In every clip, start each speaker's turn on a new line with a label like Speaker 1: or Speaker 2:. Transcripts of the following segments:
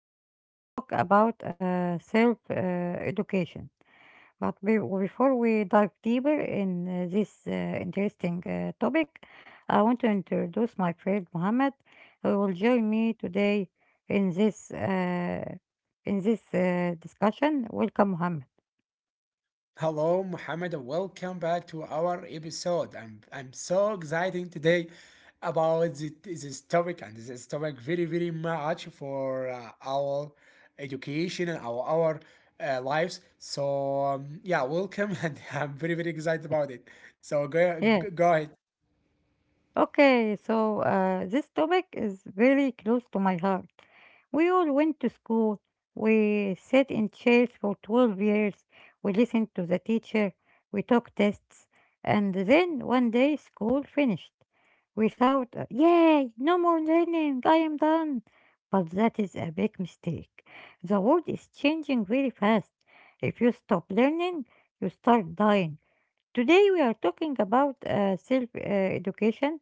Speaker 1: we are going to talk about self education. But before we dive deeper in this interesting topic, I want to introduce my friend Mohammed, who will join me today in this uh, in this discussion. Welcome, Mohammed.
Speaker 2: Hello, Muhammad, and welcome back to our episode. I'm so excited today about this topic, and this topic very very much for our education and our lives. So yeah, welcome, and I'm very very excited about it. So go
Speaker 1: Yeah.
Speaker 2: go ahead.
Speaker 1: Okay, so this topic is very close to my heart. We all went to school. We sat in chairs for 12 years. We listened to the teacher. We took tests. And then one day school finished. We thought, yay, no more learning. I am done. But that is a big mistake. The world is changing very fast. If you stop learning, you start dying. Today we are talking about self education,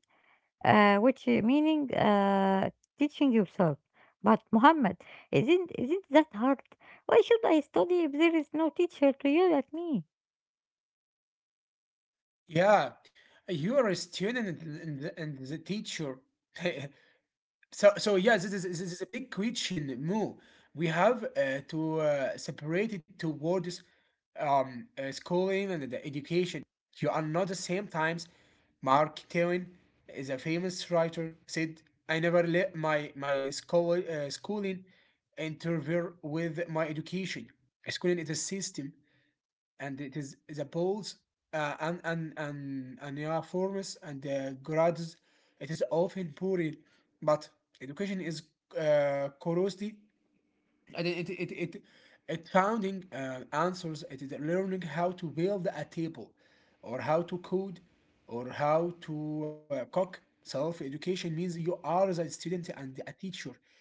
Speaker 1: which meaning teaching yourself. But Muhammad, isn't that hard? Why should I study if there is no teacher to yell at me?
Speaker 2: Yeah, you are a student and the teacher. So yeah, this is a big question, Mo. We have to separate it towards schooling and the education. You are not the same times. Mark Twain is a famous writer. Said, "I never let my school schooling interfere with my education. Schooling is a system, and it is the poles and uniforms and grades. It is often poor, but education is curiosity. And it finding answers. It is learning how to build a table, or how to code, or how to cook. Self education means you are the student and a teacher.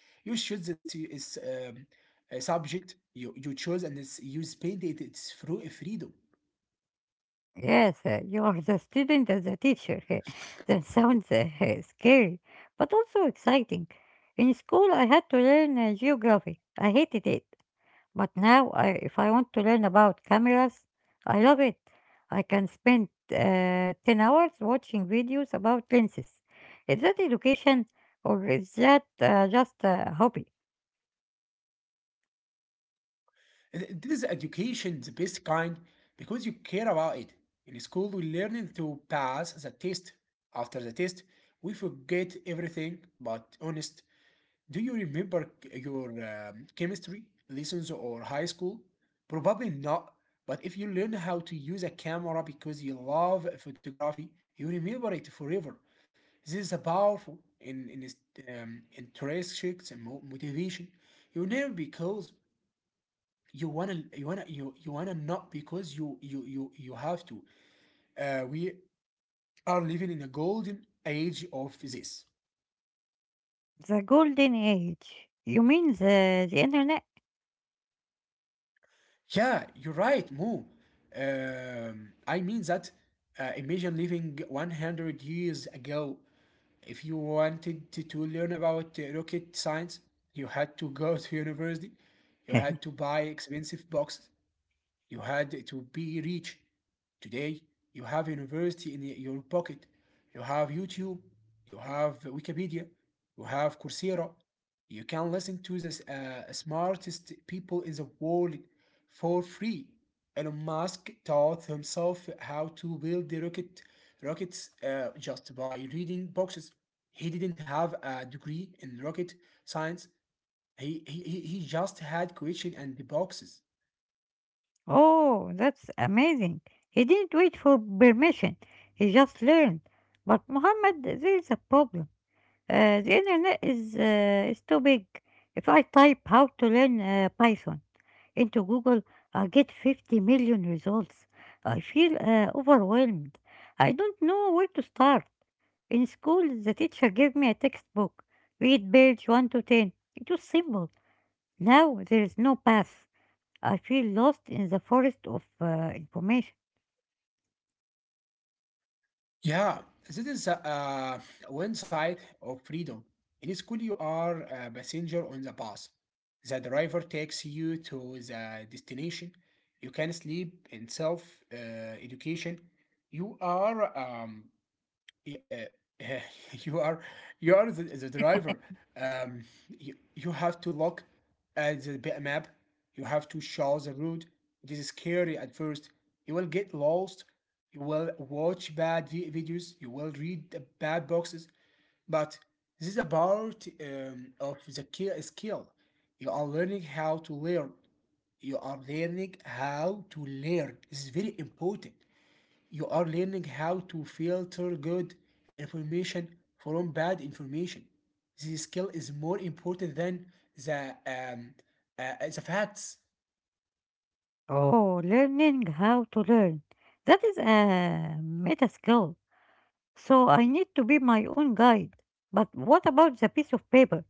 Speaker 2: You choose the stu- A subject you, you choose, and it's, you spend it. It's through a freedom.
Speaker 1: Yes, you are the student as a teacher. That sounds scary, but also exciting. In school, I had to learn geography. I hated it. But now, if I want to learn about cameras, I love it. I can spend 10 hours watching videos about lenses. Is that education or is that just a hobby?
Speaker 2: This is education, the best kind, because you care about it. In school, we learn to pass the test. After the test, we forget everything, but honest, do you remember your chemistry lessons or high school? Probably not. But if you learn how to use a camera because you love photography, you remember it forever. This is a powerful intrinsic motivation. You never be cold you wanna you wanna not because you have to. We are living in a golden age of this.
Speaker 1: The golden age. You mean the internet?
Speaker 2: Yeah, you're right, Mo. I mean that. Imagine living 100 years ago. If you wanted to learn about rocket science, you had to go to university. You had to buy expensive books. You had to be rich. Today, you have a university in your pocket. You have YouTube. You have Wikipedia. You have Coursera. You can listen to the smartest people in the world for free. Elon Musk taught himself how to build the rocket rockets just by reading boxes. He didn't have a degree in rocket science. He just had question and the boxes.
Speaker 1: Oh, that's amazing. He didn't wait for permission. He just learned. But Muhammad, there is a problem. The internet is too big. If I type how to learn Python into Google, I get 50 million results. I feel overwhelmed. I don't know where to start. In school, the teacher gave me a textbook. Read page 1 to 10. It was simple. Now there is no path. I feel lost in the forest of information.
Speaker 2: Yeah, this is one side of freedom. In school, you are a passenger on the bus. The driver takes you to the destination. You can sleep in self education. You are yeah, uh, you are you are the driver. Um, you, you have to look at the map. You have to show the route. It is scary at first. You will get lost. You will watch bad videos. You will read the bad boxes. But this is a part of the skill. You are learning how to learn. You are learning how to learn. This is very important. You are learning how to filter good information from bad information. This skill is more important than the um, the facts.
Speaker 1: Oh, learning how to learn. That is a meta skill. So I need to be my own guide. But what about the piece of paper?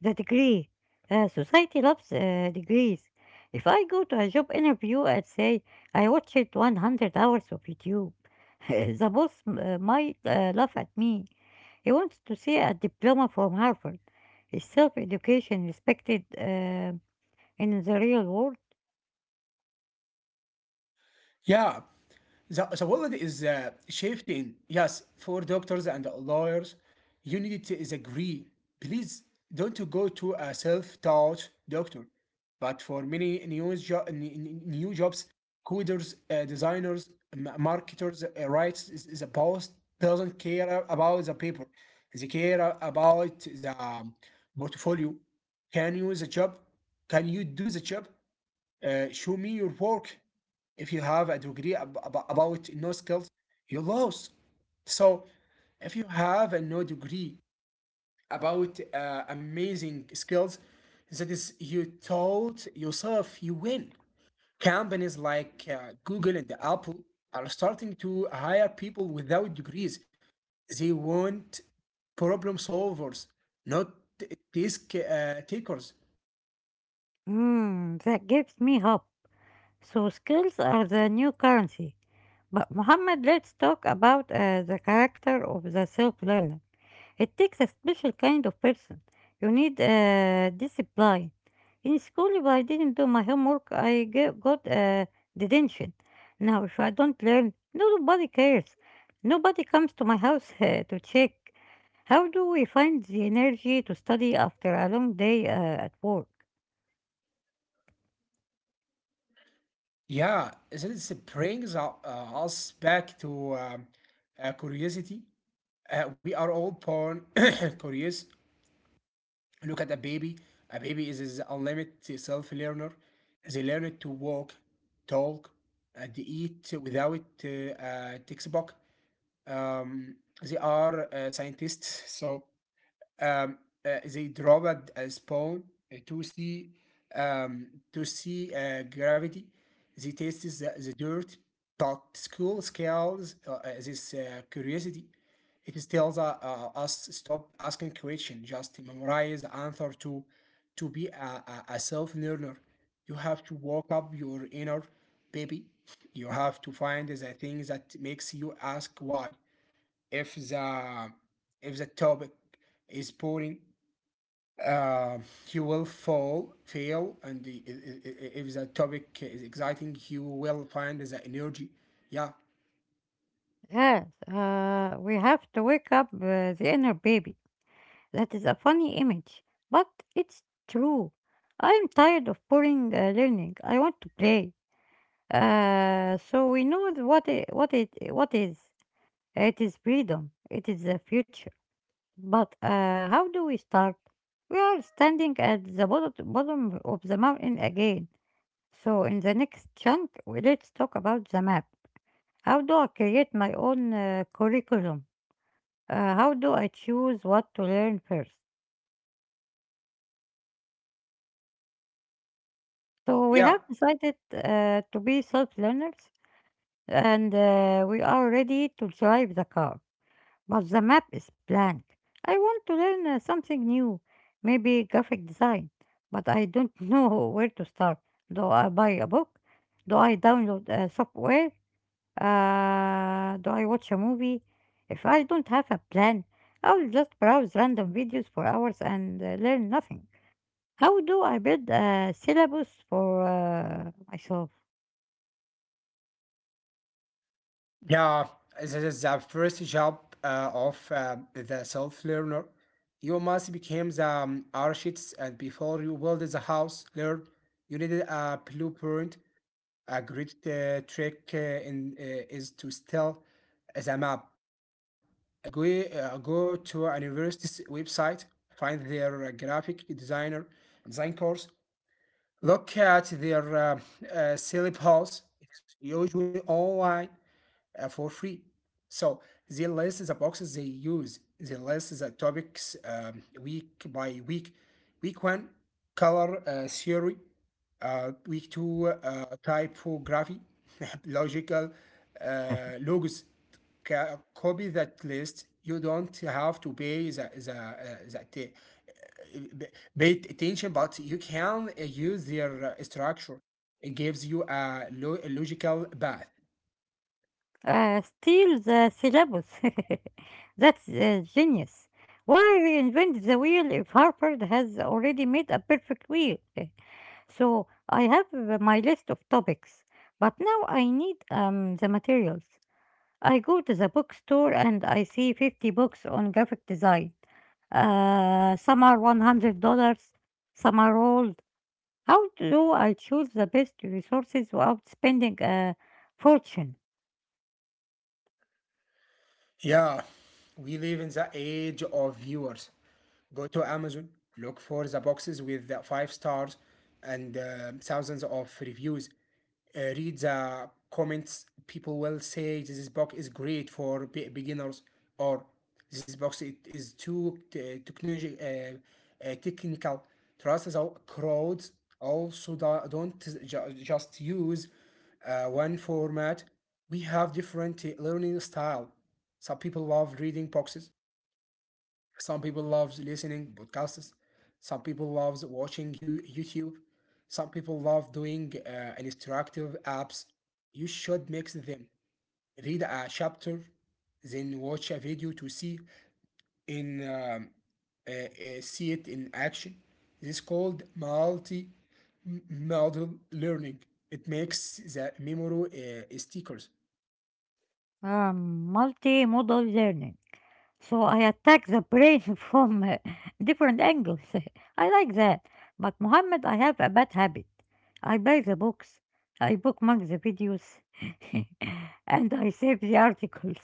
Speaker 1: The degree? Society loves degrees. If I go to a job interview and say, I watched 100 hours of YouTube, the boss might laugh at me. He wants to see a diploma from Harvard. Is self education respected in the real world?
Speaker 2: Yeah, the world is shifting. Yes, for doctors and lawyers, you need to is agree. Please don't go to a self-taught doctor. But for many news new jobs, coders, designers, marketers, rights, is a boss doesn't care about the paper. They care about the portfolio. Can you the job? Can you do the job? Show me your work. If you have a degree about no skills, you lose. So, if you have a no degree about amazing skills, that is, you taught yourself, you win. Companies like Google and Apple are starting to hire people without degrees. They want problem solvers, not t- task takers.
Speaker 1: Hmm, that gives me hope. So skills are the new currency. But Muhammad, let's talk about the character of the self learner. It takes a special kind of person. You need discipline. In school, if I didn't do my homework, I got detention. Now, if I don't learn, nobody cares. Nobody comes to my house to check. How do we find the energy to study after a long day at work?
Speaker 2: Yeah, isn't it brings us back to curiosity. We are all born curious. Look at a baby. A baby is unlimited self-learner. They learn it to walk, talk, and eat without a textbook. Um, they are scientists, so um, they dropped a spawn uh, to see um, to see gravity. They tested the dirt, but school scales this curiosity. It tells us stop asking questions, just memorize the answer to be a self learner. You have to wake up your inner baby. You have to find the thing that makes you ask why if the if the topic is boring uh, you will fall fail and the, I- if the topic is exciting you will find the energy yeah
Speaker 1: Yes, we have to wake up the inner baby. That is a funny image, but it's true. I'm tired of boring learning. I want to play. So we know what is. It is freedom. It is the future. But how do we start? We are standing at the bottom of the mountain again. So in the next chunk, let's talk about the map. How do I create my own curriculum? How do I choose what to learn first? So we
Speaker 2: yeah
Speaker 1: have decided to be self-learners, and we are ready to drive the car. But the map is blank. I want to learn something new, maybe graphic design, but I don't know where to start. Do I buy a book? Do I download software? Do I watch a movie? If I don't have a plan, I'll just browse random videos for hours and learn nothing. How do I build a syllabus for myself?
Speaker 2: yeah this is the first job of the self-learner you must become the architects, and before you build the house learn you need a blueprint. A great trick is to steal the map. Go to a university's website, find their graphic design course, look at their syllabus. It's usually online for free. So the list is the boxes they use. The list is the topics week by week. Week one, color theory. Week two, typography, logical logos. Copy that list. You don't have to pay the that. Uh, pay attention, but you can use their structure. It gives you a logical path.
Speaker 1: Steal the syllabus. That's genius. Why reinvent the wheel if Harvard has already made a perfect wheel? So I have my list of topics, but now I need the materials. I go to the bookstore and I see 50 books on graphic design. Some are $100, some are all. How do I choose the best resources without spending a fortune?
Speaker 2: Yeah, we live in the age of viewers. Go to Amazon, look for the boxes with the five stars and thousands of reviews. Read the comments. People will say this book is great for beginners, or this box it is too technology, technical. Trust the crowds. Also, don't just use one format. We have different learning style. Some people love reading boxes. Some people love listening podcasts. Some people love watching YouTube. Some people love doing instructive apps. You should mix them. Read a chapter, then watch a video to see in see it in action. This is called multi modal learning. It makes the memory stickers.
Speaker 1: Multimodal learning. So I attack the brain from different angles. I like that. But Mohammed, I have a bad habit. I buy the books, I bookmark the videos, and I save the articles.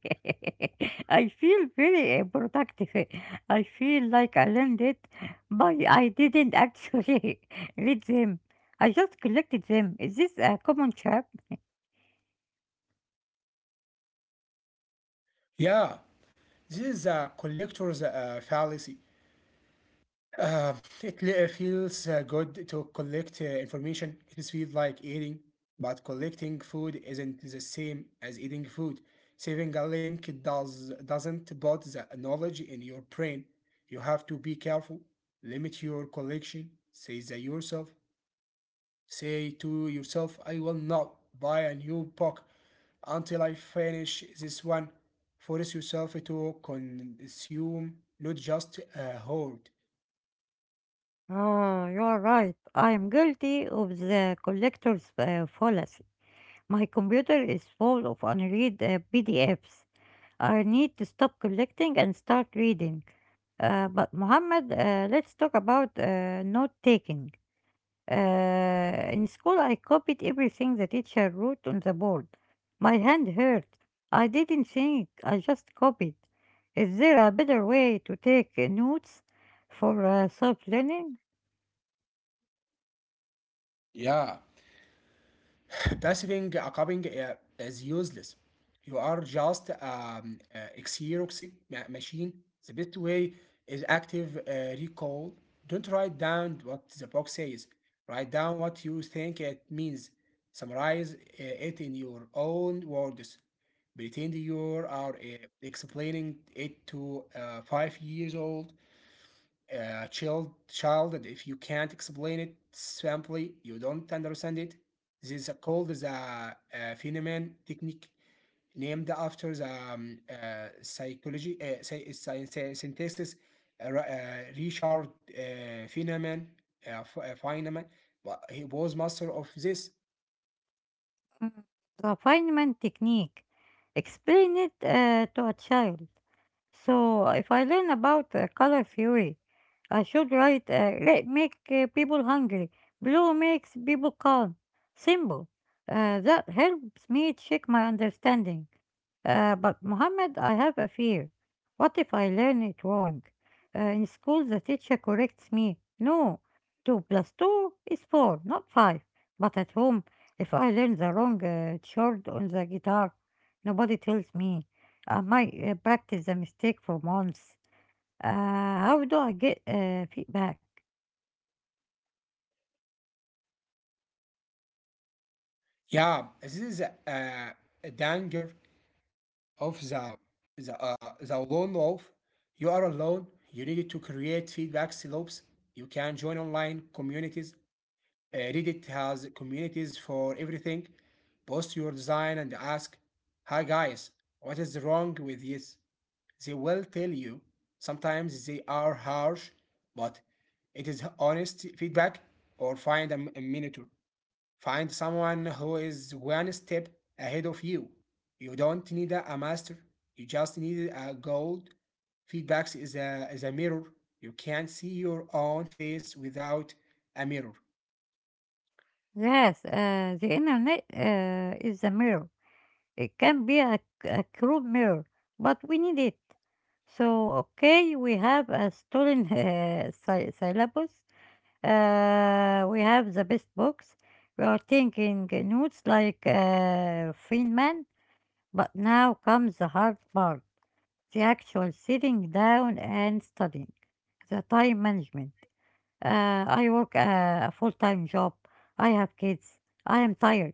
Speaker 1: I feel very productive. I feel like I learned it, but I didn't actually read them. I just collected them. Is this a common trap?
Speaker 2: Yeah, this is a collector's fallacy. Uh, it feels good to collect information. It is feels like eating, but collecting food isn't the same as eating food. Saving a link doesn't put the knowledge in your brain. You have to be careful. Limit your collection. Say that yourself. Say to yourself, I will not buy a new book until I finish this one. Force yourself to consume, not just hoard.
Speaker 1: Ah, you are right. I am guilty of the collector's fallacy. My computer is full of unread PDFs. I need to stop collecting and start reading. But Mohammed, let's talk about note taking. Uh, in school, I copied everything the teacher wrote on the board. My hand hurt. I didn't think. I just copied. Is there a better way to take notes for self-learning?
Speaker 2: Yeah, passing a cupping is useless. You are just a Xerox machine. The best way is active recall. Don't write down what the box says. Write down what you think it means. Summarize it in your own words. Pretend you are explaining it to 5 years old child child that if you can't explain it simply you don't understand it. This is called the phenomenon technique, named after the psychology science synthesis, Ra- richard feynman F- feynman. But he was master of this.
Speaker 1: Mm. Refinement technique. Explain it to a child. So if I learn about color theory, I should write red make people hungry, blue makes people calm. Simple. That helps me check my understanding. But Mohammed, I have a fear. What if I learn it wrong? In school, the teacher corrects me. No, 2 plus 2 is 4, not 5. But at home, if I learn the wrong chord on the guitar, nobody tells me. I might practice the mistake for months. How do I get feedback?
Speaker 2: Yeah, this is a danger of the lone wolf. You are alone. You need to create feedback loops. You can join online communities. Reddit has communities for everything. Post your design and ask, "Hi guys, what is wrong with this?" They will tell you. Sometimes they are harsh, but it is honest feedback. Or find a mentor. Find someone who is one step ahead of you. You don't need a master. You just need a gold. Feedback is is a mirror. You can't see your own face without a mirror.
Speaker 1: Yes, the internet is the mirror. It can be a cruel mirror, but we need it. So, okay, we have a stolen syllabus. We have the best books. We are taking notes like Feynman. But now comes the hard part, the actual sitting down and studying, the time management. I work a full time job. I have kids. I am tired.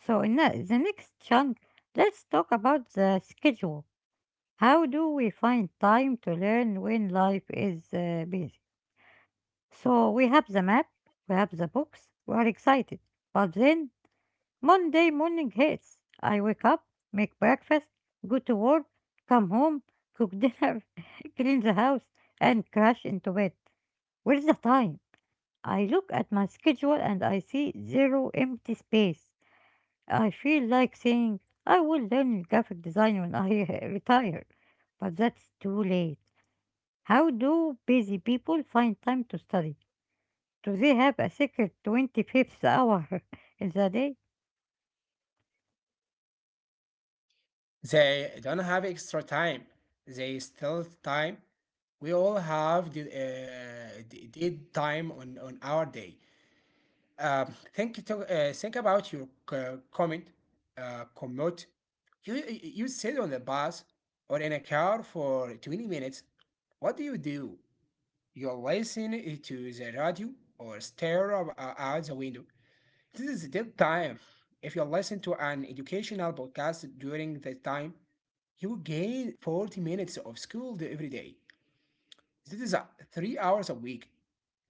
Speaker 1: So, in the next chunk, let's talk about the schedule. How do we find time to learn when life is busy? So, we have the map, we have the books, we are excited. But then Monday morning hits. I wake up, make breakfast, go to work, come home, cook dinner, clean the house, and crash into bed. Where's the time? I look at my schedule and I see zero empty space. I feel like saying, I will learn graphic design when I retire. But that's too late. How do busy people find time to study? Do they have a secret 25th hour in the day?
Speaker 2: They don't have extra time. They still time. We all have the time on our day. Think think about your commute. You sit on the bus or in a car for 20 minutes. What do? You listen to the radio or stare out the window. This is deep time. If you listen to an educational podcast during the time, you gain 40 minutes of school day every day. This is 3 hours a week.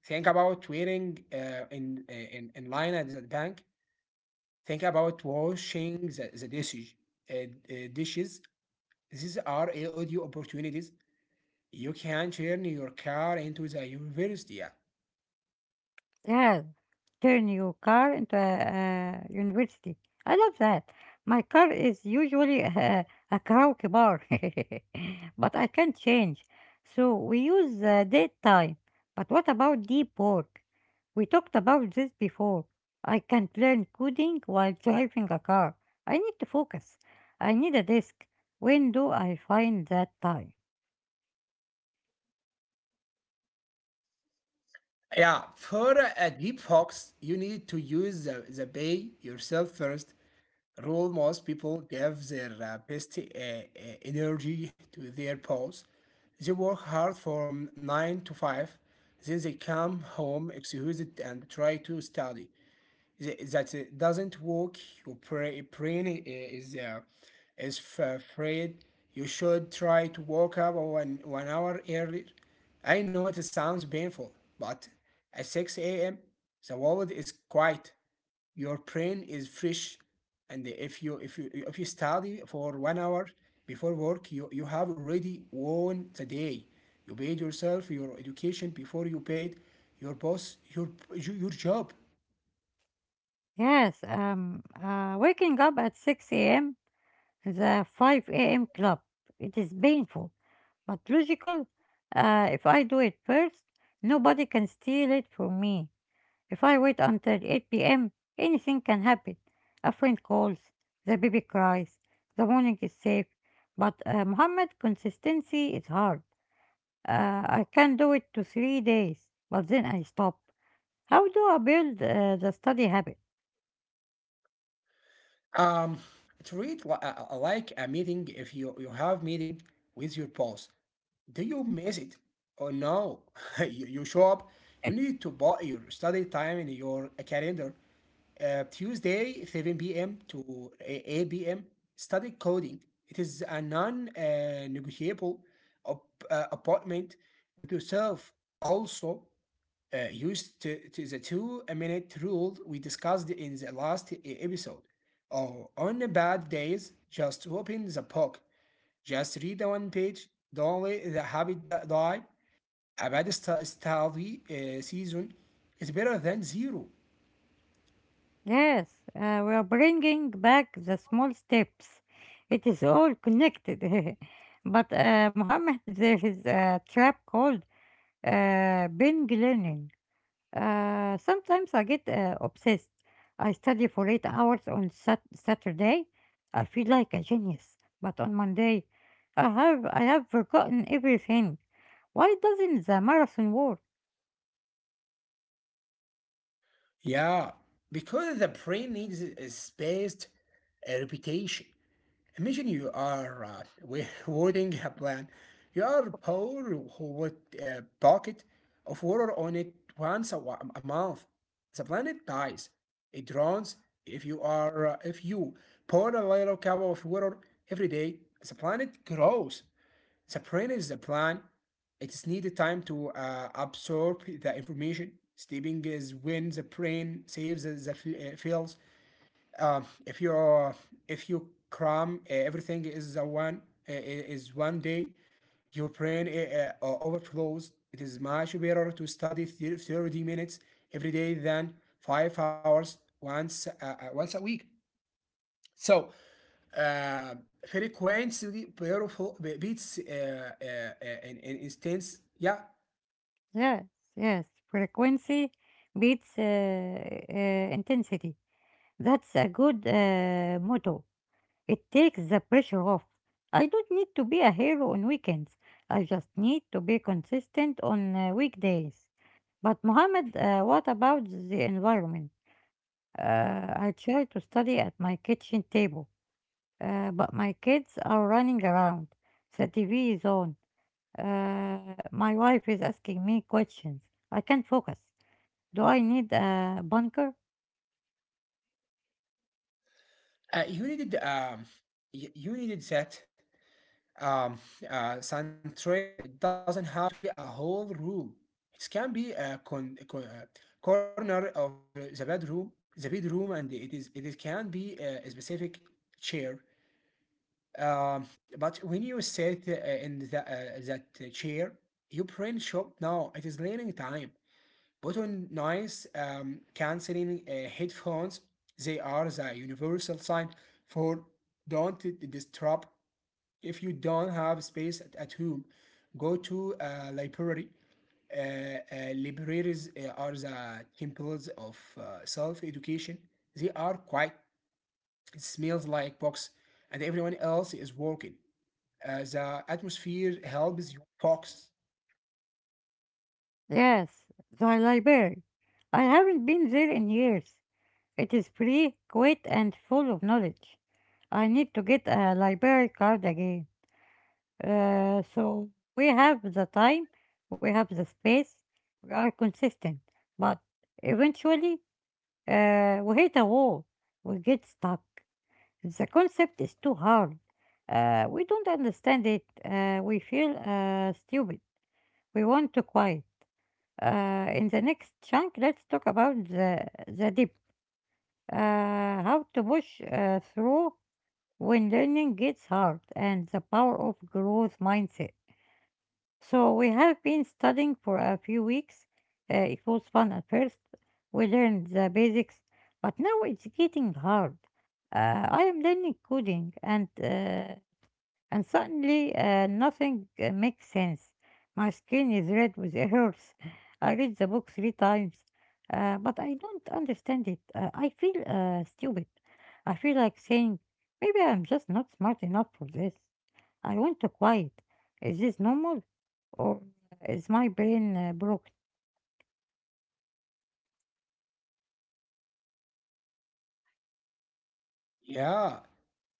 Speaker 2: Think about waiting in line at the bank. Think about washing the dishes. Dishes. These are a audio opportunities. You can turn your car into the university. Yeah.
Speaker 1: Yes, turn your car into a university. I love that. My car is usually a karaoke bar, but I can change. So we use date time. But what about deep work? We talked about this before. I can't learn coding while driving a car. I need to focus. I need a desk. When do I find that time?
Speaker 2: Yeah, for a deep fox, you need to use the bay yourself first. Rule most people give their best energy to their paws. They work hard from 9 to 5, then they come home exhausted and try to study. That doesn't work. Your brain is afraid. You should try to wake up one hour earlier. I know it sounds painful, but at 6 a.m. the world is quiet. Your brain is fresh, and if you study for 1 hour before work, you have already won the day. You paid yourself your education before you paid your boss your job.
Speaker 1: Yes, waking up at 6 a.m. The 5 a.m. club. It is painful, but logical. If I do it first, nobody can steal it from me. If I wait until 8 p.m., anything can happen. A friend calls, the baby cries, the morning is safe. But Muhammad, consistency is hard. Uh, I can do it to 3 days, but then I stop. How do I build the study habit?
Speaker 2: Um, Treat like a meeting if you have meeting with your boss. Do you miss it? Oh no, you show up. You need to put your study time in your calendar. Tuesday, 7 p.m. to 8 p.m. Study coding. It is a non-negotiable appointment with yourself. Also, used to the 2 minute rule we discussed in the last episode. Or on bad days, just open the book, just read one page, don't let the habit die. A bad study season is better than zero.
Speaker 1: Yes, we are bringing back the small steps. It is all connected. But Mohammed, there is a trap called binge learning. Sometimes I get obsessed. I study for 8 hours on Saturday. I feel like a genius. But on Monday, I have forgotten everything. Why doesn't the marathon work?
Speaker 2: Yeah, because the brain needs a spaced repetition. Imagine you are hoarding a plant. You are poor who would a bucket of water on it once a month. The planet dies. It drowns. If you pour a little cup of water every day, the planet grows. The brain is the plan. It's needed time to absorb the information. Sleeping is when the brain saves the feels. Um, if you uh, if you cram everything is a one is one day, your brain overflows. It is much better to study 30 minutes every day than 5 hours once a week. So uh, frequency beats an instance. Yeah,
Speaker 1: Yes, yes. Frequency beats intensity. That's a good motto. It takes the pressure off. I don't need to be a hero on weekends. I just need to be consistent on weekdays. But Mohammed, what about the environment? Uh, I try to study at my kitchen table, but my kids are running around. The TV is on. My wife is asking me questions. I can't focus. Do I need a bunker?
Speaker 2: you needed you needed that um, centrated and it doesn't have to be a whole room. It can be a corner of the bedroom, and it can be a specific chair. But when you sit in that chair, you print shop now. It is learning time. Put on nice canceling headphones. They are the universal sign for don't disturb. If you don't have space at home, go to a library. Libraries are the temples of self-education. They are quiet. It smells like books, and everyone else is working. The atmosphere helps you focus.
Speaker 1: Yes, the library. I haven't been there in years. It is free, quick, and full of knowledge. I need to get a library card again. So we have the time, we have the space, we are consistent, but eventually we hit a wall. We get stuck. The concept is too hard. We don't understand it. We feel stupid. We want to quiet. In the next chunk, let's talk about the deep, uh, how to push through when learning gets hard and the power of growth mindset. So we have been studying for a few weeks. It was fun at first. We learned the basics, but now it's getting hard. I am learning coding and suddenly nothing makes sense. My skin is red with hurts. I read the book three times, but I don't understand it. I feel stupid. I feel like saying, maybe I'm just not smart enough for this. I want to quiet. Is this normal? Or is my brain broken?
Speaker 2: Yeah,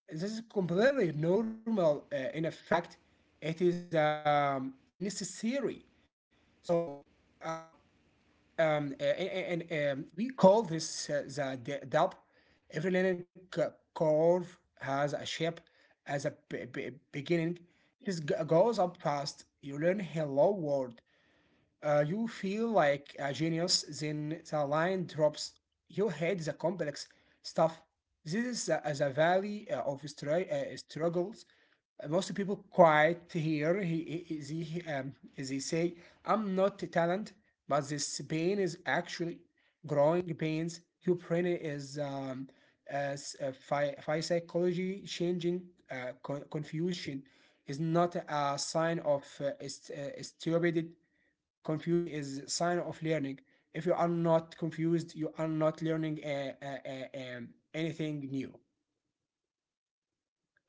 Speaker 2: this is completely normal. In fact, it is necessary. So, uh, Um, a- a- and, we call this the dub. Every linear curve has a shape as a beginning. It is goes up fast. You learn hello world, you feel like a genius, then the line drops. You hate the complex stuff. This is the valley of struggles. Most people quiet here. They say, I'm not a talent, but this pain is actually growing pains. Your brain is as psychology changing confusion is not a sign of stupidity. Confusion is a sign of learning. If you are not confused, you are not learning uh, um, anything new.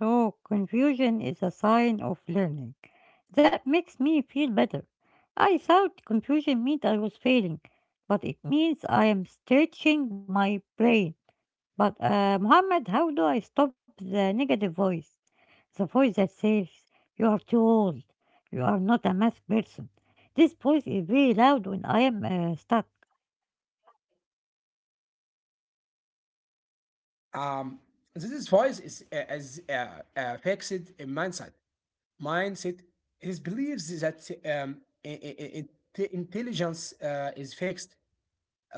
Speaker 1: So, confusion is a sign of learning. That makes me feel better. I thought confusion meant I was failing, but it means I am stretching my brain. But Muhammad, how do I stop the negative voice? The voice that says, you are too old, you are not a math person. This voice is very loud when I am stuck.
Speaker 2: um, this voice is as fixed in mindset. Mindset is believes that um, i- i- i- intelligence is fixed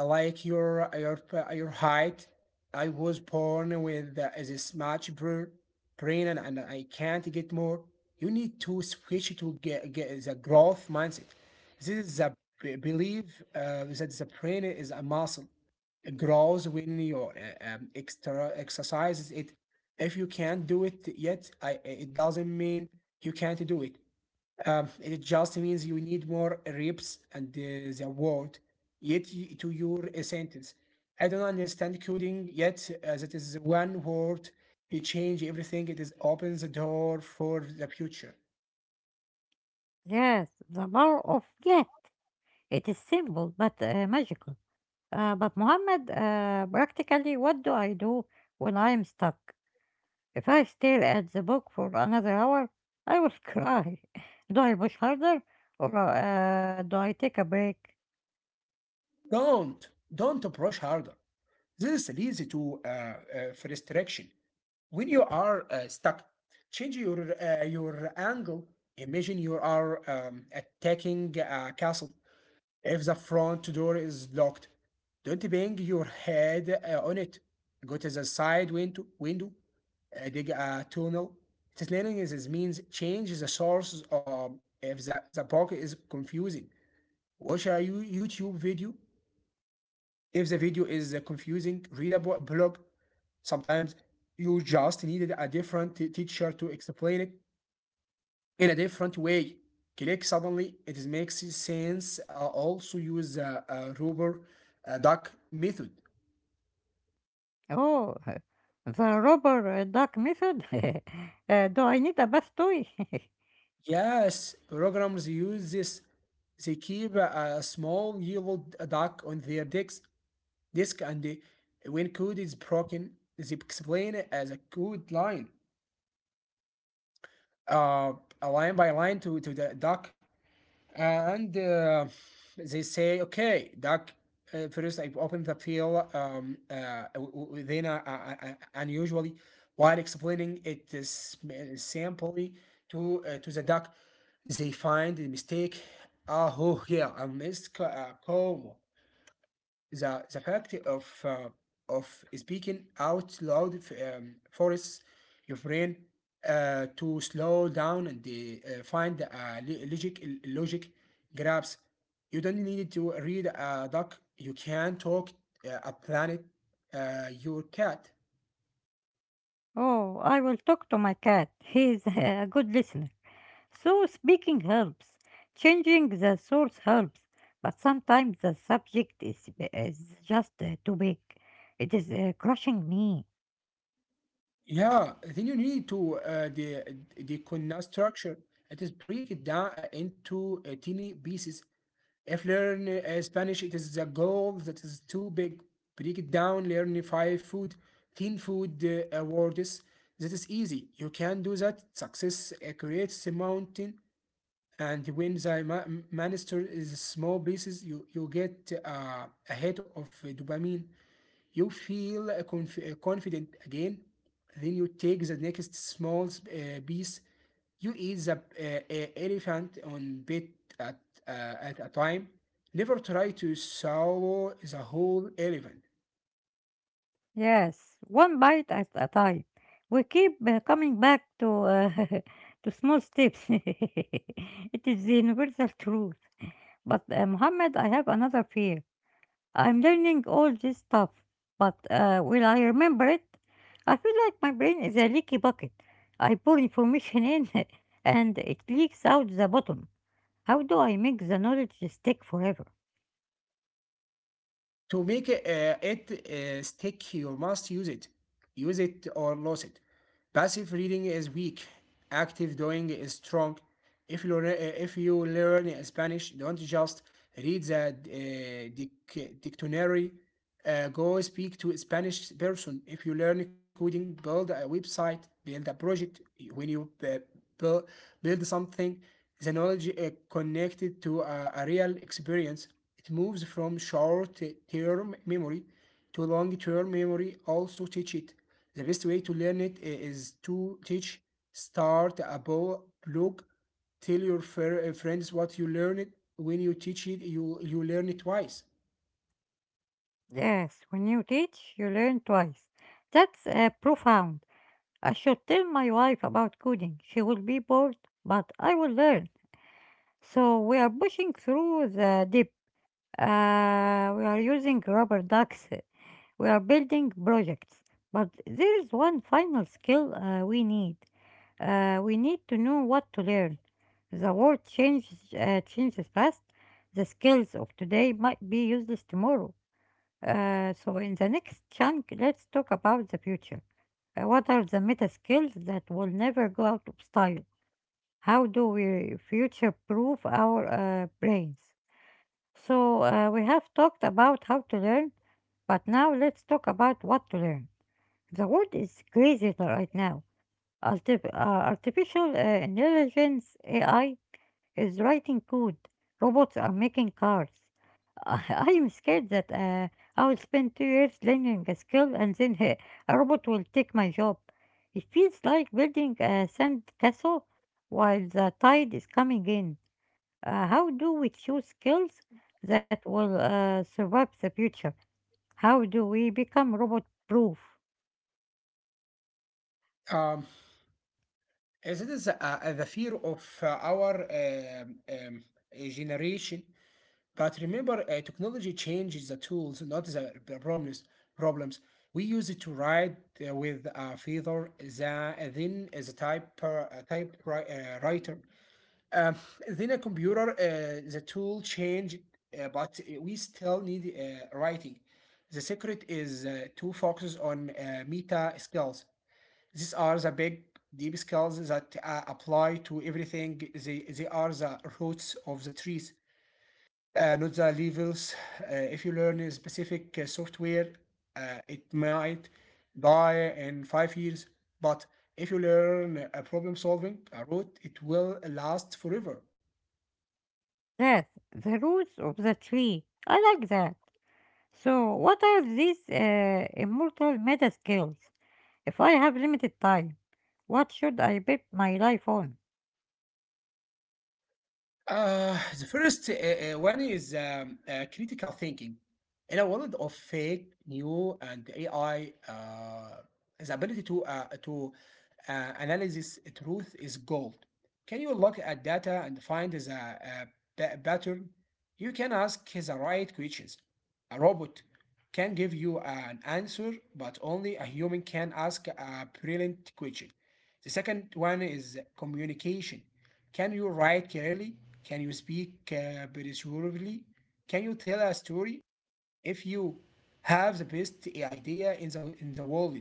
Speaker 2: like your your height. I was born with this much brain, and I can't get more. You need to switch to get the growth mindset. This is a belief that the brain is a muscle. It grows when you extra exercises it. If you can't do it yet, it doesn't mean you can't do it. It just means you need more reps, and the word yet to your sentence. I don't understand coding yet. That is one word. You change everything. It is opens the door for the future.
Speaker 1: Yes, the power of yeah, it is simple but magical. But Muhammad, practically, what do I do when I am stuck? If I stared at the book for another hour, I will cry. Do I push harder or do I take a break?
Speaker 2: Don't don't approach harder. This leads to frustration. When you are stuck, change your angle. Imagine you are attacking a castle. If the front door is locked, don't bang your head on it. Go to the side window, dig a tunnel. Explaining is means change the source or if the book is confusing. Watch a YouTube video. If the video is confusing, read a blog. Sometimes you just needed a different teacher to explain it in a different way. Click suddenly, it makes sense. Also use the rubber duck method.
Speaker 1: Oh, the rubber duck method? Do I need a bath toy?
Speaker 2: Yes, programmers use this. They keep a small yellow duck on their disk, and when code is broken, they explain it as a code line, uh, a line by line to the duck. And They say, okay, Doc, first I open the file within unusually while explaining it is simply to the doc, they find the mistake. Ah, oh yeah, I missed coma. The fact of speaking out loud forces your brain to slow down and find a logic grabs. You don't need to read a doc. You can talk a planet, your cat.
Speaker 1: Oh, I will talk to my cat. He is a good listener. So, speaking helps. Changing the source helps. But sometimes the subject is just too big. It is crushing me.
Speaker 2: Yeah, then you need to the deconstruct structure. It is break it down into tiny pieces. If learn Spanish, it is the goal that is too big. Break it down. Learn five food, ten food words. That is easy. You can do that. Success creates a mountain, and when the manister is small pieces, you get a hit of dopamine. You feel confident again. Then you take the next small piece. You eat the elephant on bit at, uh, at a time. Never try to swallow the whole elephant.
Speaker 1: Yes, one bite at a time. We keep coming back to to small steps. It is the universal truth. But Muhammad, I have another fear. I'm learning all this stuff, but will I remember it? I feel like my brain is a leaky bucket. I pour information in, and it leaks out the bottom. How do I make the knowledge stick forever?
Speaker 2: To make it stick you must use it. Use it or lose it. Passive reading is weak, active doing is strong. If you learn Spanish, don't just read the dictionary. Go speak to a Spanish person. If you learn coding, build a website, build a project. When you build something, the knowledge connected to a real experience. It moves from short term memory to long-term memory. Also teach it. The best way to learn it is to teach. Start a blog. Tell your friends what you learned. When you teach it, you learn it twice.
Speaker 1: Yes, when you teach, you learn twice. That's profound. I should tell my wife about coding. She will be bored, but I will learn. So we are pushing through the deep. We are using rubber ducks. We are building projects. But there is one final skill we need. We need to know what to learn. The world changes, changes fast. The skills of today might be useless tomorrow. So in the next chunk, let's talk about the future. What are the meta skills that will never go out of style? How do we future proof our brains? So we have talked about how to learn, but now let's talk about what to learn. The world is crazy right now. Artif- uh, Artificial intelligence AI is writing code. Robots are making cars. I am scared that I will spend two years learning a skill and then a robot will take my job. It feels like building a sand castle while the tide is coming in. How do we choose skills that will survive the future? How do we become robot proof?
Speaker 2: Um, as it is the fear of our um, um, generation. But remember, technology changes the tools, not the problems. Problems we use it to write with a feather, then as a type writer, then a computer. The tool changed, but we still need writing. The secret is to focus on meta skills. These are the big deep skills that apply to everything. They are the roots of the trees, not the levels. If you learn a specific software, it might die in 5 years. But if you learn a problem solving a route, it will last forever.
Speaker 1: That's the roots of the tree. I like that. So, what are these immortal meta skills? If I have limited time, what should I build my life on?
Speaker 2: The first one is critical thinking. In a world of fake, new, and AI, the ability to analysis truth is gold. Can you look at data and find the pattern? You can ask the right questions. A robot can give you an answer, but only a human can ask a brilliant question. The second one is communication. Can you write clearly? Can you speak persuasively? Can you tell a story? If you have the best idea in the world,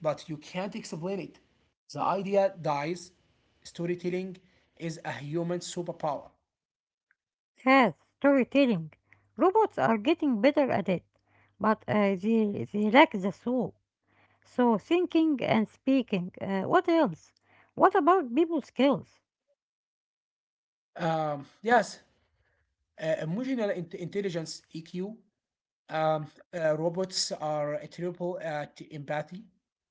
Speaker 2: but you can't explain it, the idea dies. Storytelling is a human superpower.
Speaker 1: Yes, storytelling. Robots are getting better at it, but they lack the soul. So, thinking and speaking. What else? What about people skills?
Speaker 2: Yes, emotional intelligence (EQ). Um, Robots are terrible at empathy.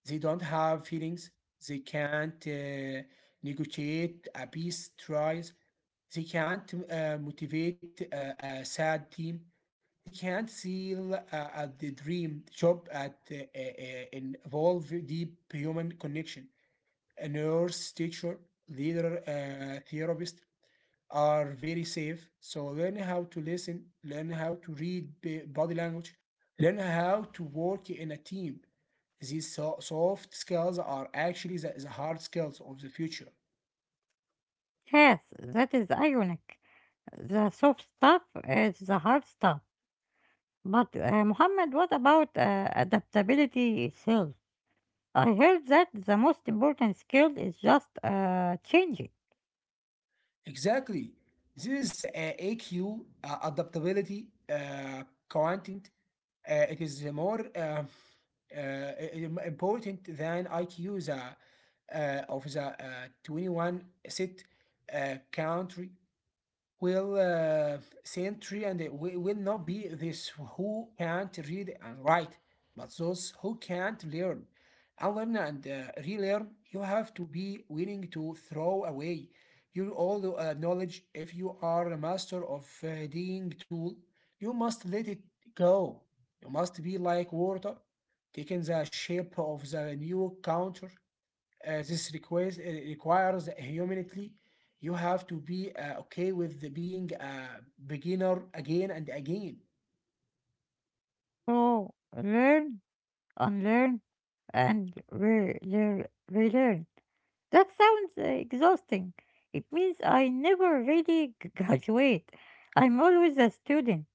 Speaker 2: They don't have feelings. They can't negotiate a peace tries. They can't motivate a sad team. They can't seal at the dream job at involve deep human connection. A nurse, teacher, leader, therapist are very safe. So learn how to listen, learn how to read body language, learn how to work in a team. These soft skills are actually the hard skills of the future.
Speaker 1: Yes, that is ironic. The soft stuff is the hard stuff. But, Muhammad, what about adaptability itself? I heard that the most important skill is just changing.
Speaker 2: Exactly. This is AQ, adaptability, content. It is more uh, important than IQ. Of the 21 set country will century, and it will not be this who can't read and write, but those who can't learn. Unlearn and relearn. You have to be willing to throw away your old knowledge. If you are a master of a digging tool, you must let it go. You must be like water, taking the shape of the new counter. This requires humility. You have to be okay with the being a beginner again and again.
Speaker 1: So, learn unlearn, and relearn. That sounds exhausting. It means I never really graduate. I'm always a student.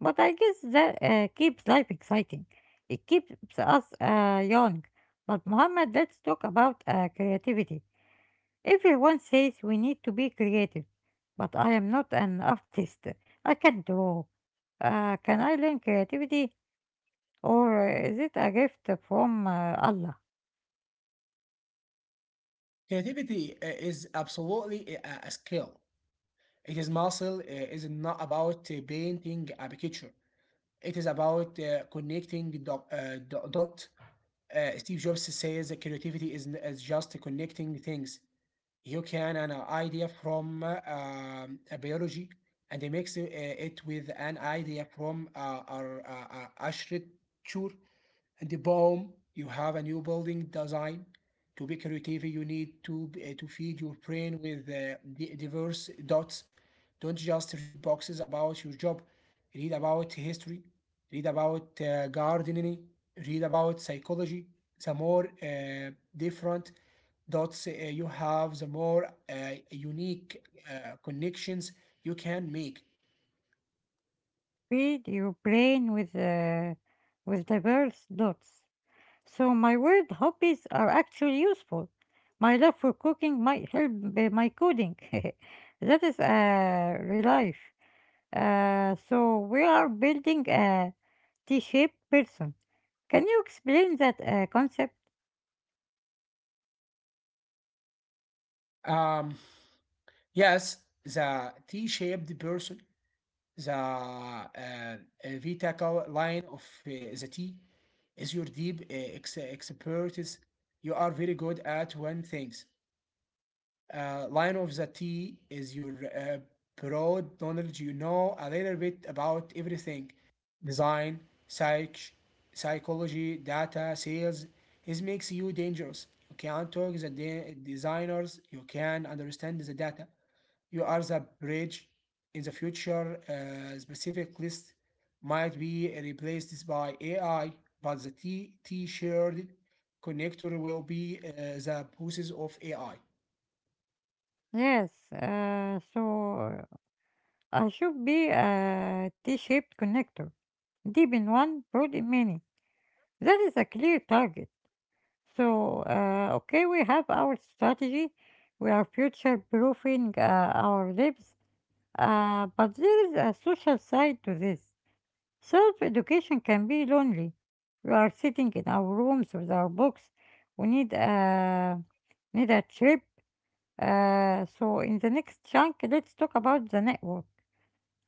Speaker 1: But I guess that keeps life exciting. It keeps us young. But Muhammad, let's talk about creativity. Everyone says we need to be creative. But I am not an artist. I can draw. Can I learn creativity? Or is it a gift from Allah?
Speaker 2: Creativity is absolutely a skill. It is muscle. It is not about painting a picture. It is about connecting the dot. Steve Jobs says that creativity is just connecting things. You can an idea from a biology, and they mix it with an idea from architecture, and the BOM, you have a new building design. To be creative, you need to feed your brain with diverse dots. Don't just read boxes about your job. Read about history. Read about gardening. Read about psychology. The more different dots you have, the more unique connections you can make.
Speaker 1: Feed your brain with with diverse dots. So my weird hobbies are actually useful. My love for cooking might help my coding. That is a relief. So we are building a T-shaped person. Can you explain that concept?
Speaker 2: Um, yes, the T-shaped person. The Vita Cow line of the tea is your deep expertise. You are very good at one things. Line of the tea is your broad knowledge. You know a little bit about everything: design, psych, psychology, data, sales. This makes you dangerous. You can talk the designers. You can understand the data. You are the bridge. In the future, specific list might be replaced by AI, but the T shared connector will be the process of AI.
Speaker 1: Yes. So I should be a T-shaped connector. Deep in one, broad in many. That is a clear target. So, okay, we have our strategy. We are future proofing our lives. But there is a social side to this. Self education can be lonely. We are sitting in our rooms with our books. We need a trip. So, in the next chunk, let's talk about the network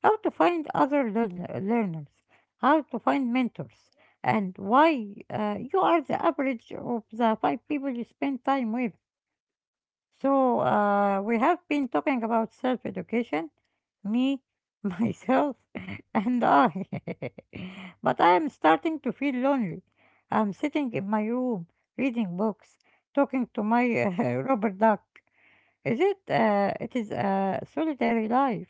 Speaker 1: how to find other learners, how to find mentors, and why you are the average of the five people you spend time with. So, we have been talking about self education, me, myself, and I. But I am starting to feel lonely. I'm sitting in my room, reading books, talking to my Robert Duck. Is it? It is a solitary life.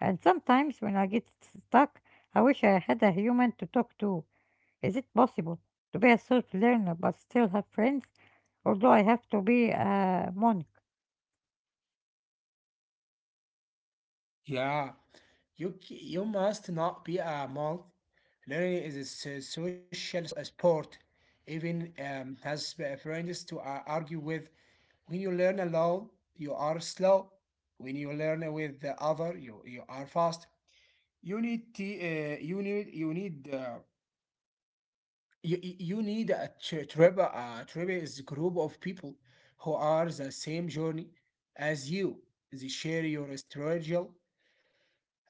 Speaker 1: And sometimes when I get stuck, I wish I had a human to talk to. Is it possible to be a self learner but still have friends, or do I have to be a monk?
Speaker 2: Yeah, you you must not be a malt. Learning is a social a sport. Even has friends to argue with. When you learn alone, you are slow. When you learn with the other, you are fast. You need you need you need you, you you tribe. A tribe is a group of people who are the same journey as you. They share your struggle,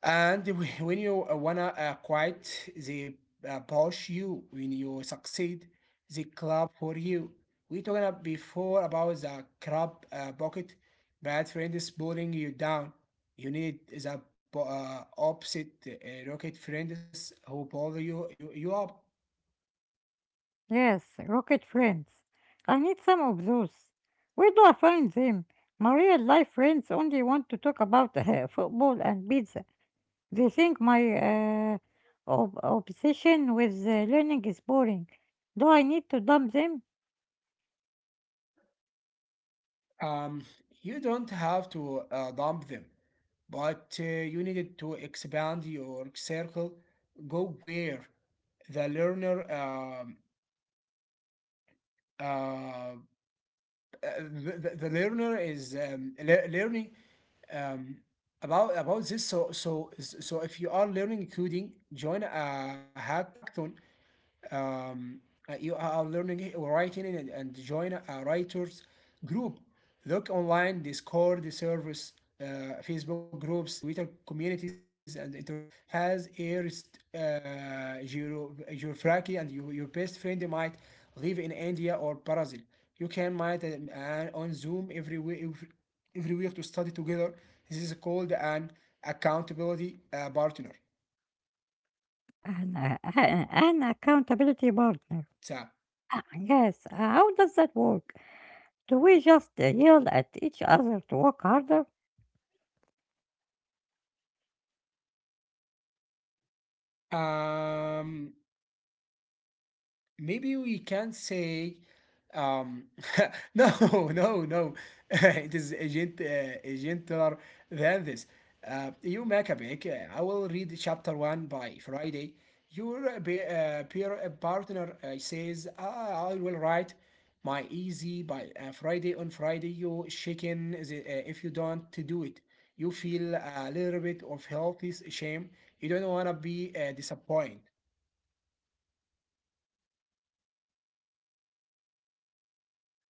Speaker 2: and when you wanna quit, they push you. When you succeed, they clap for you. We talking about before about the crab bucket. Bad friend is pulling you down. You need the opposite rocket friends who pull you up.
Speaker 1: Yes, rocket friends. I need some of those. Where do I find them? My real life friends only want to talk about football and pizza. They think my uh, obsession with learning is boring. Do I need to dump them?
Speaker 2: Um, you don't have to dump them, but you needed to expand your circle. Go where the learner uh, the learner is learning um, about this. So if you are learning coding, join a hackathon. um, you are learning writing, and join a writers group. Look online: discord service, uh, facebook groups, twitter communities. And internet has airs, geography, and your best friend might live in india or brazil. You can meet and on zoom every week, every week, to study together. This is called an accountability partner.
Speaker 1: An, an accountability partner.
Speaker 2: so
Speaker 1: Ah, yes, how does that work? Do we just yell at each other to work harder?
Speaker 2: um Maybe we can say, um, no, no, no. It is a gentler than this. You Maccabic, I will read chapter one by Friday. Your peer partner says, ah, I will write my easy by Friday. On Friday, you shaken the, if you don't to do it. You feel a little bit of healthy shame. You don't want to be disappointed.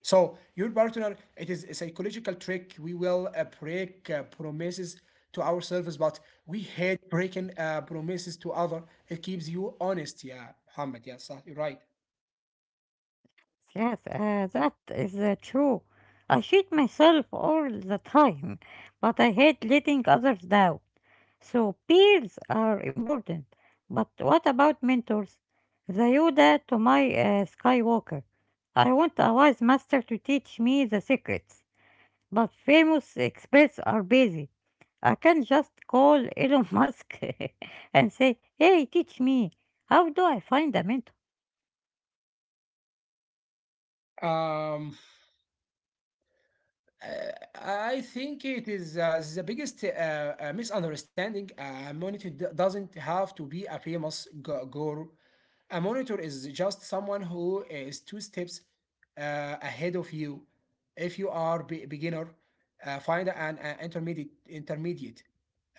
Speaker 2: So your partner, it is a psychological trick. We will break promises to ourselves, but we hate breaking promises to other. It keeps you honest. Yeah, Muhammad. Yeah, Sah, you're right.
Speaker 1: Yes, that is true. I cheat myself all the time, but I hate letting others down. So peers are important. But what about mentors? The Yoda to my Skywalker. I want a wise master to teach me the secrets, but famous experts are busy. I can just call Elon Musk and say, hey, teach me, how do I find a mentor?
Speaker 2: Um, Uh, I think it is the biggest misunderstanding. A monitor doesn't have to be a famous guru. A monitor is just someone who is two steps ahead of you. If you are beginner, find an intermediate.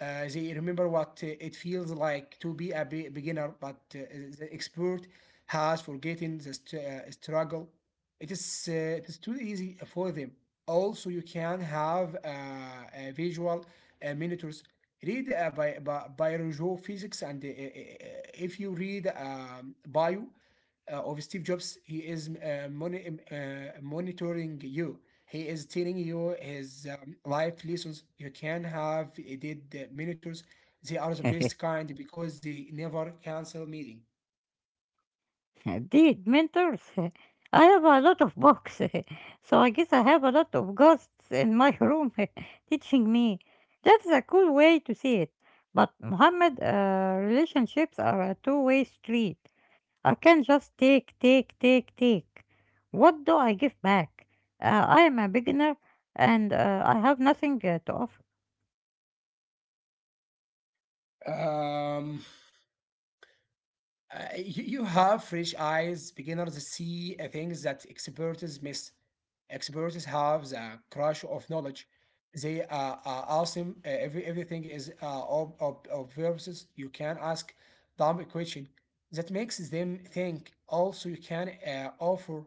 Speaker 2: They remember what it feels like to be a beginner, but the expert has forgotten the struggle. It is too easy for them. Also, you can have visual monitors. Read by biology, physics, and if you read bio of Steve Jobs, he is monitoring you. He is telling you his life lessons. You can have did monitors. They are the best kind because they never cancel meeting.
Speaker 1: Dude, mentors, I have a lot of books, so I guess I have a lot of ghosts in my room teaching me. That's a cool way to see it. But Muhammad, relationships are a two-way street. I can't just take, take, take, take. What do I give back? I am a beginner and I have nothing to offer.
Speaker 2: Um, you have fresh eyes. Beginners see things that experts miss. Experts have the crush of knowledge. They are awesome. Everything is obvious. You can ask dumb question that makes them think. Also, you can offer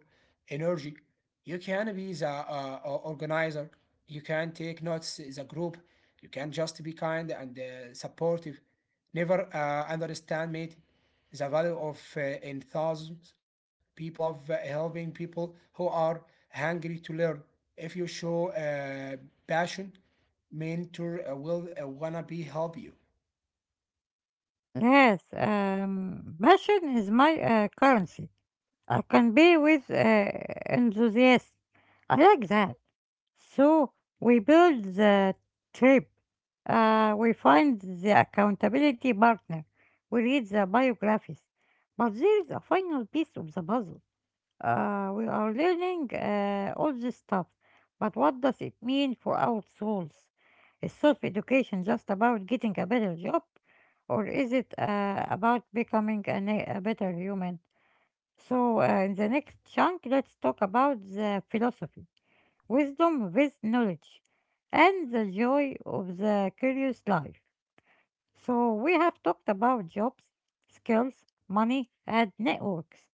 Speaker 2: energy. You can be the organizer. You can take notes as a group. You can just be kind and supportive. Never understand, mate, the value of in thousands. People love helping people who are hungry to learn. If you show passion, mentor will wanna be help you.
Speaker 1: Yes, passion is my currency. I can be with enthusiasm. I like that. So we build the trip. We find the accountability partner. We read the biographies. But there is a final piece of the puzzle. We are learning all this stuff, but what does it mean for our souls? Is self education just about getting a better job, or is it about becoming a better human? So, in the next chunk, let's talk about the philosophy, wisdom with knowledge, and the joy of the curious life. So, we have talked about jobs, skills, money, and networks.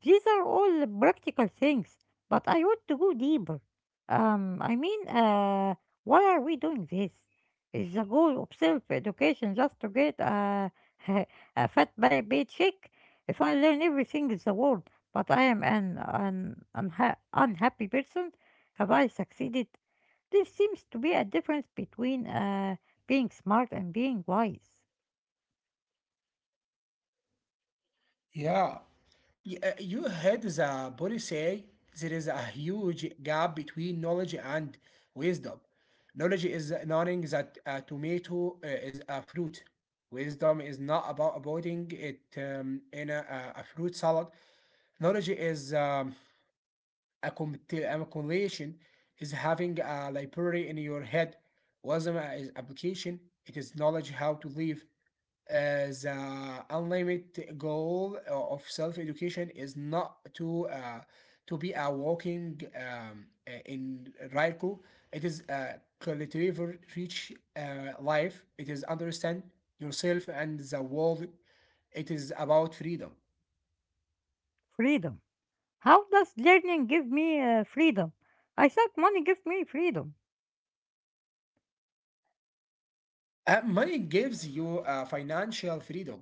Speaker 1: These are all practical things, but I want to go deeper. I mean, why are we doing this? Is the goal of self-education just to get a, a paycheck? If I learn everything in the world, but I am an unhappy person, have I succeeded? There seems to be a difference between being smart and being wise.
Speaker 2: Yeah, you heard the body say there is a huge gap between knowledge and wisdom. Knowledge is knowing that a tomato is a fruit. Wisdom is not about avoiding it in a fruit salad. Knowledge is a compilation, is having a library in your head. Wasm is application. It is knowledge how to live. As unlimited goal of self-education is not to to be a walking in Raiku. It is a collective rich life. It is understand yourself and the world. It is about freedom.
Speaker 1: Freedom. How does learning give me freedom? I thought money gives me freedom.
Speaker 2: Money gives you financial freedom,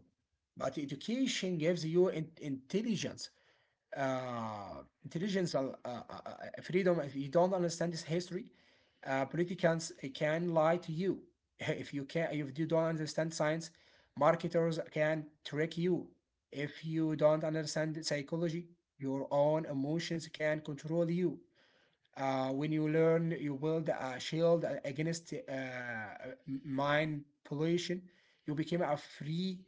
Speaker 2: but education gives you intelligence. Intelligence, freedom. If you don't understand this history, politicians can lie to you. If you can, if you don't understand science, marketers can trick you. If you don't understand psychology, your own emotions can control you. When you learn, you build a shield against mind pollution. You become a free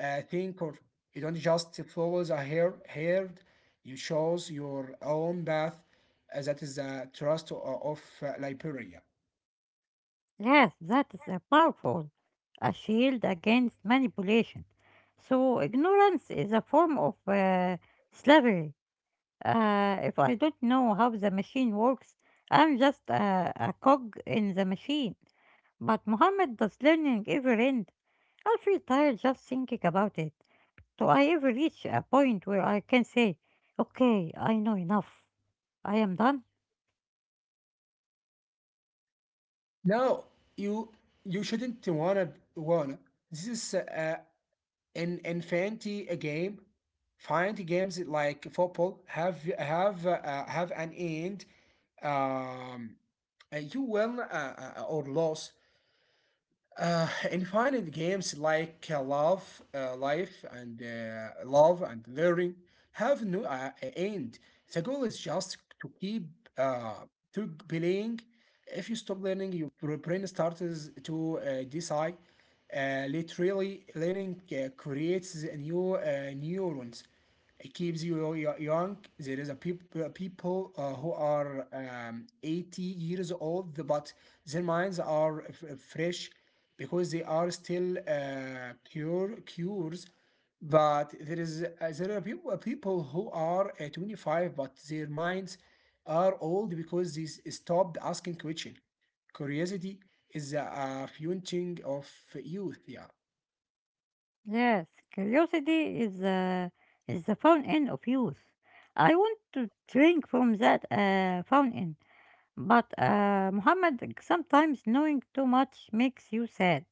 Speaker 2: thinker. You don't just follow the herd. You choose your own path. That is the trust of Liberia.
Speaker 1: Yes, that is a powerful, a shield against manipulation. So ignorance is a form of slavery. If I don't know how the machine works, I'm just a cog in the machine. But Muhammad, does learning ever end? I feel tired just thinking about it. Do I ever reach a point where I can say, okay, I know enough, I am done?
Speaker 2: No, you you shouldn't wanna. This is in fantasy a game. Fantasy games like football have an end. um you win or lose. In finite games like love life and love and learning have no end. The goal is just to keep uh, to playing. If you stop learning, your brain starts to decide. Literally, learning creates the new neurons. It keeps you young. There is a people who are 80 years old, but their minds are fresh because they are still cures. But there is people who are 25, but their minds are old because they stopped asking question. Curiosity is the fueling of youth. Yeah.
Speaker 1: Yes, curiosity is the fountain of youth. I want to drink from that fountain, but Muhammad, sometimes knowing too much makes you sad.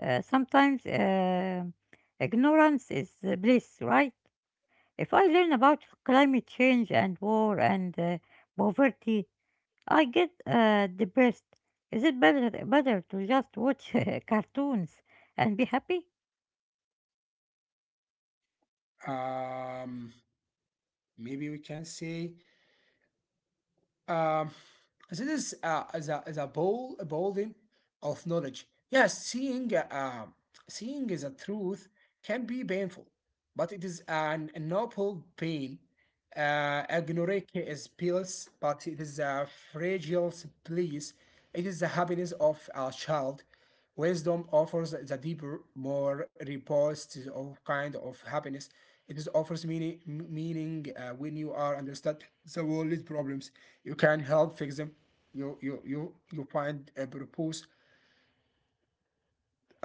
Speaker 1: Sometimes, ignorance is the bliss, right? If I learn about climate change and war and poverty, I get depressed. Is it better to just watch cartoons and be happy?
Speaker 2: um Maybe we can say, um this is as a bowl, a building of knowledge. Yes, seeing seeing the truth can be painful, but it is an noble pain. Agnorexia is pills, but it is a fragile bliss. It is the happiness of a child. Wisdom offers the deeper, more robust of kind of happiness. It is offers meaning when you are understand the world's problems, you can help fix them. You find a purpose,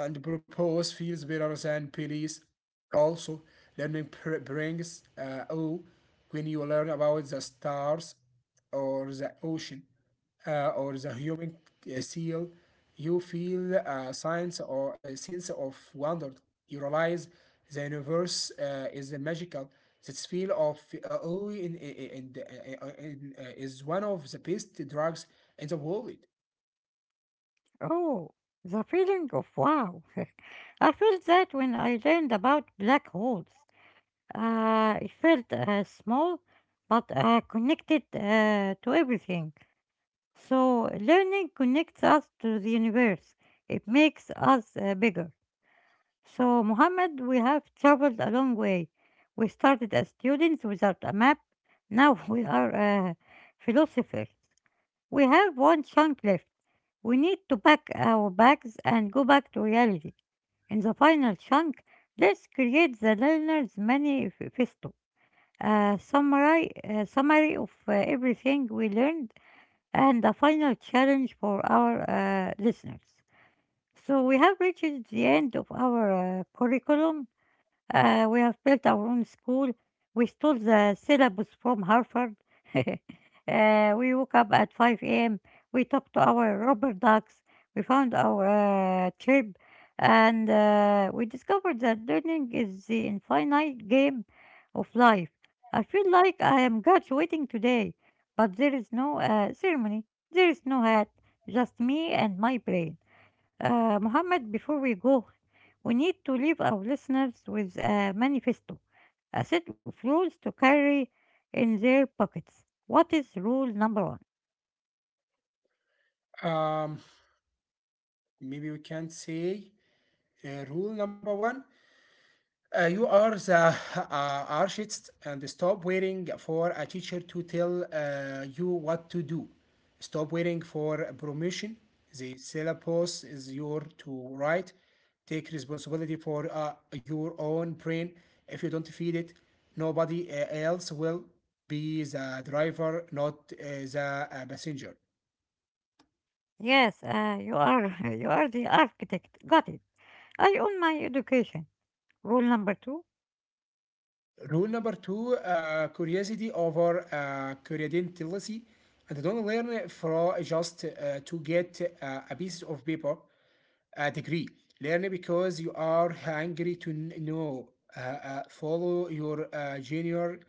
Speaker 2: and propose feels better than police. Also, learning brings awe when you learn about the stars or the ocean or the human seal. You feel a sense or a sense of wonder. You realize the universe is magical. This feel of awe is one of the best drugs in the world.
Speaker 1: Oh, the feeling of wow. I felt that when I learned about black holes. It felt small, but connected to everything. So, learning connects us to the universe, it makes us bigger. So, Muhammad, we have traveled a long way. We started as students without a map, now we are philosophers. We have one chunk left. We need to pack our bags and go back to reality. In the final chunk, let's create the learner's festo a summary of everything we learned, and a final challenge for our listeners. So, we have reached the end of our curriculum we have built our own school. We stole the syllabus from Harvard. We woke up at 5 a.m. We talked to our rubber ducks. We found our chirp. And we discovered that learning is the infinite game of life. I feel like I am graduating today, but there is no ceremony. There is no hat. Just me and my brain. Mohammed, before we go, we need to leave our listeners with a manifesto, a set of rules to carry in their pockets. What is rule number one?
Speaker 2: Um, Maybe we can say rule number one: you are the uh, artist, and stop waiting for a teacher to tell you what to do. Stop waiting for permission. The syllabus is your to write. Take responsibility for your own brain. If you don't feed it, nobody else will. Be the driver, not the passenger.
Speaker 1: Yes, you are you are the architect. Got it. I own my education. Rule number two.
Speaker 2: Rule number two, curiosity over credentiality. And don't learn for just to get a piece of paper degree. Learn because you are hungry to know. Follow your junior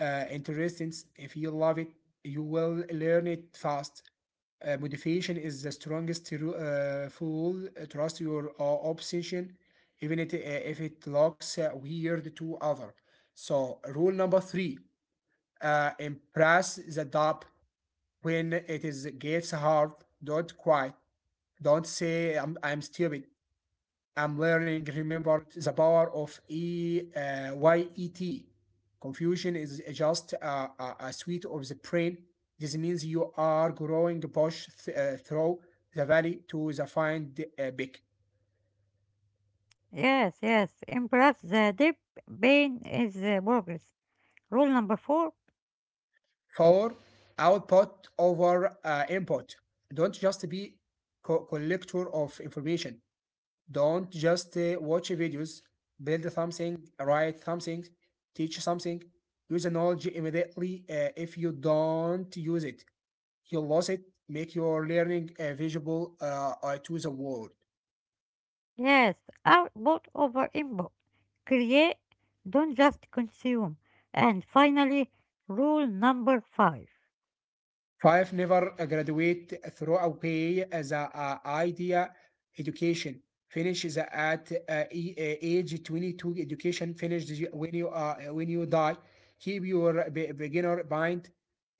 Speaker 2: interests. If you love it, you will learn it fast. Motivation is the strongest fuel. Trust your obsession, even if it looks weird to other. So rule number three: impress the dub when it is gets hard. Don't quit. Don't say I'm stupid. I'm learning, remember the power of E, YET. Confusion is just a suite of the brain. This means you are growing. Push through the valley to the find big.
Speaker 1: Yes, yes. Embrace the deep pain is progress. Rule number four.
Speaker 2: Four, output over input. Don't just be collector of information. Don't just watch videos, build something, write something, teach something. Use the knowledge immediately. If you don't use it, you'll lose it. Make your learning visible to the world.
Speaker 1: Yes, output over input. Create, don't just consume. And finally, rule number five
Speaker 2: Five, never graduate through throughout the idea education. Finish the at age 22 education. Finish the- when you die. Keep your beginner mind.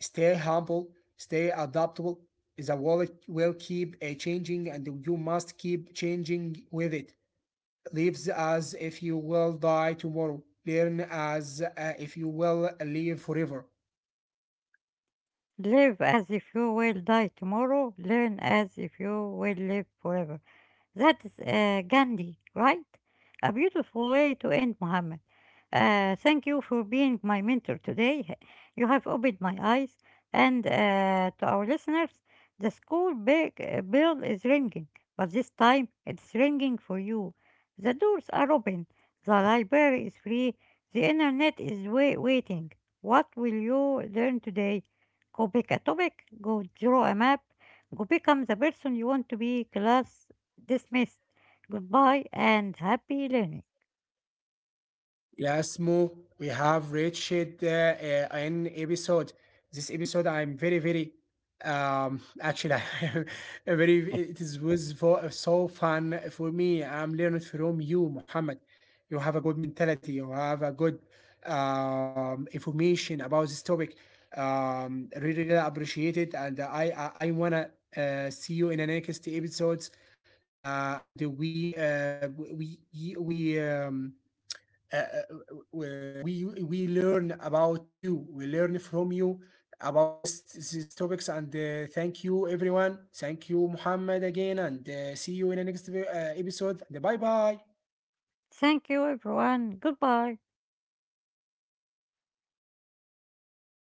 Speaker 2: Stay humble. Stay adaptable. The world will keep changing, and you must keep changing with it. Lives as if you will die tomorrow. Learn as if you will live forever.
Speaker 1: live as if you will die tomorrow, learn as if you will live forever. That's Gandhi, right? A beautiful way to end, Muhammad. Thank you for being my mentor today. You have opened my eyes. And to our listeners, the school big bell is ringing, but this time it's ringing for you. The doors are open, the library is free, the internet is waiting. What will you learn today? Go pick a topic, go draw a map, go become the person you want to be, class dismissed. Goodbye and happy learning.
Speaker 2: Yes, Mo, we have reached an episode. This episode, I'm I very. It is was for, so fun for me. I'm learning from you, Muhammad. You have a good mentality. You have a good information about this topic. Really, really appreciate it, and I wanna see you in the next episodes. And we learn about you. We learn from you about this these topics. And thank you, everyone. Thank you, Muhammad, again. And see you in the next episode. And bye bye.
Speaker 1: Thank you, everyone. Goodbye.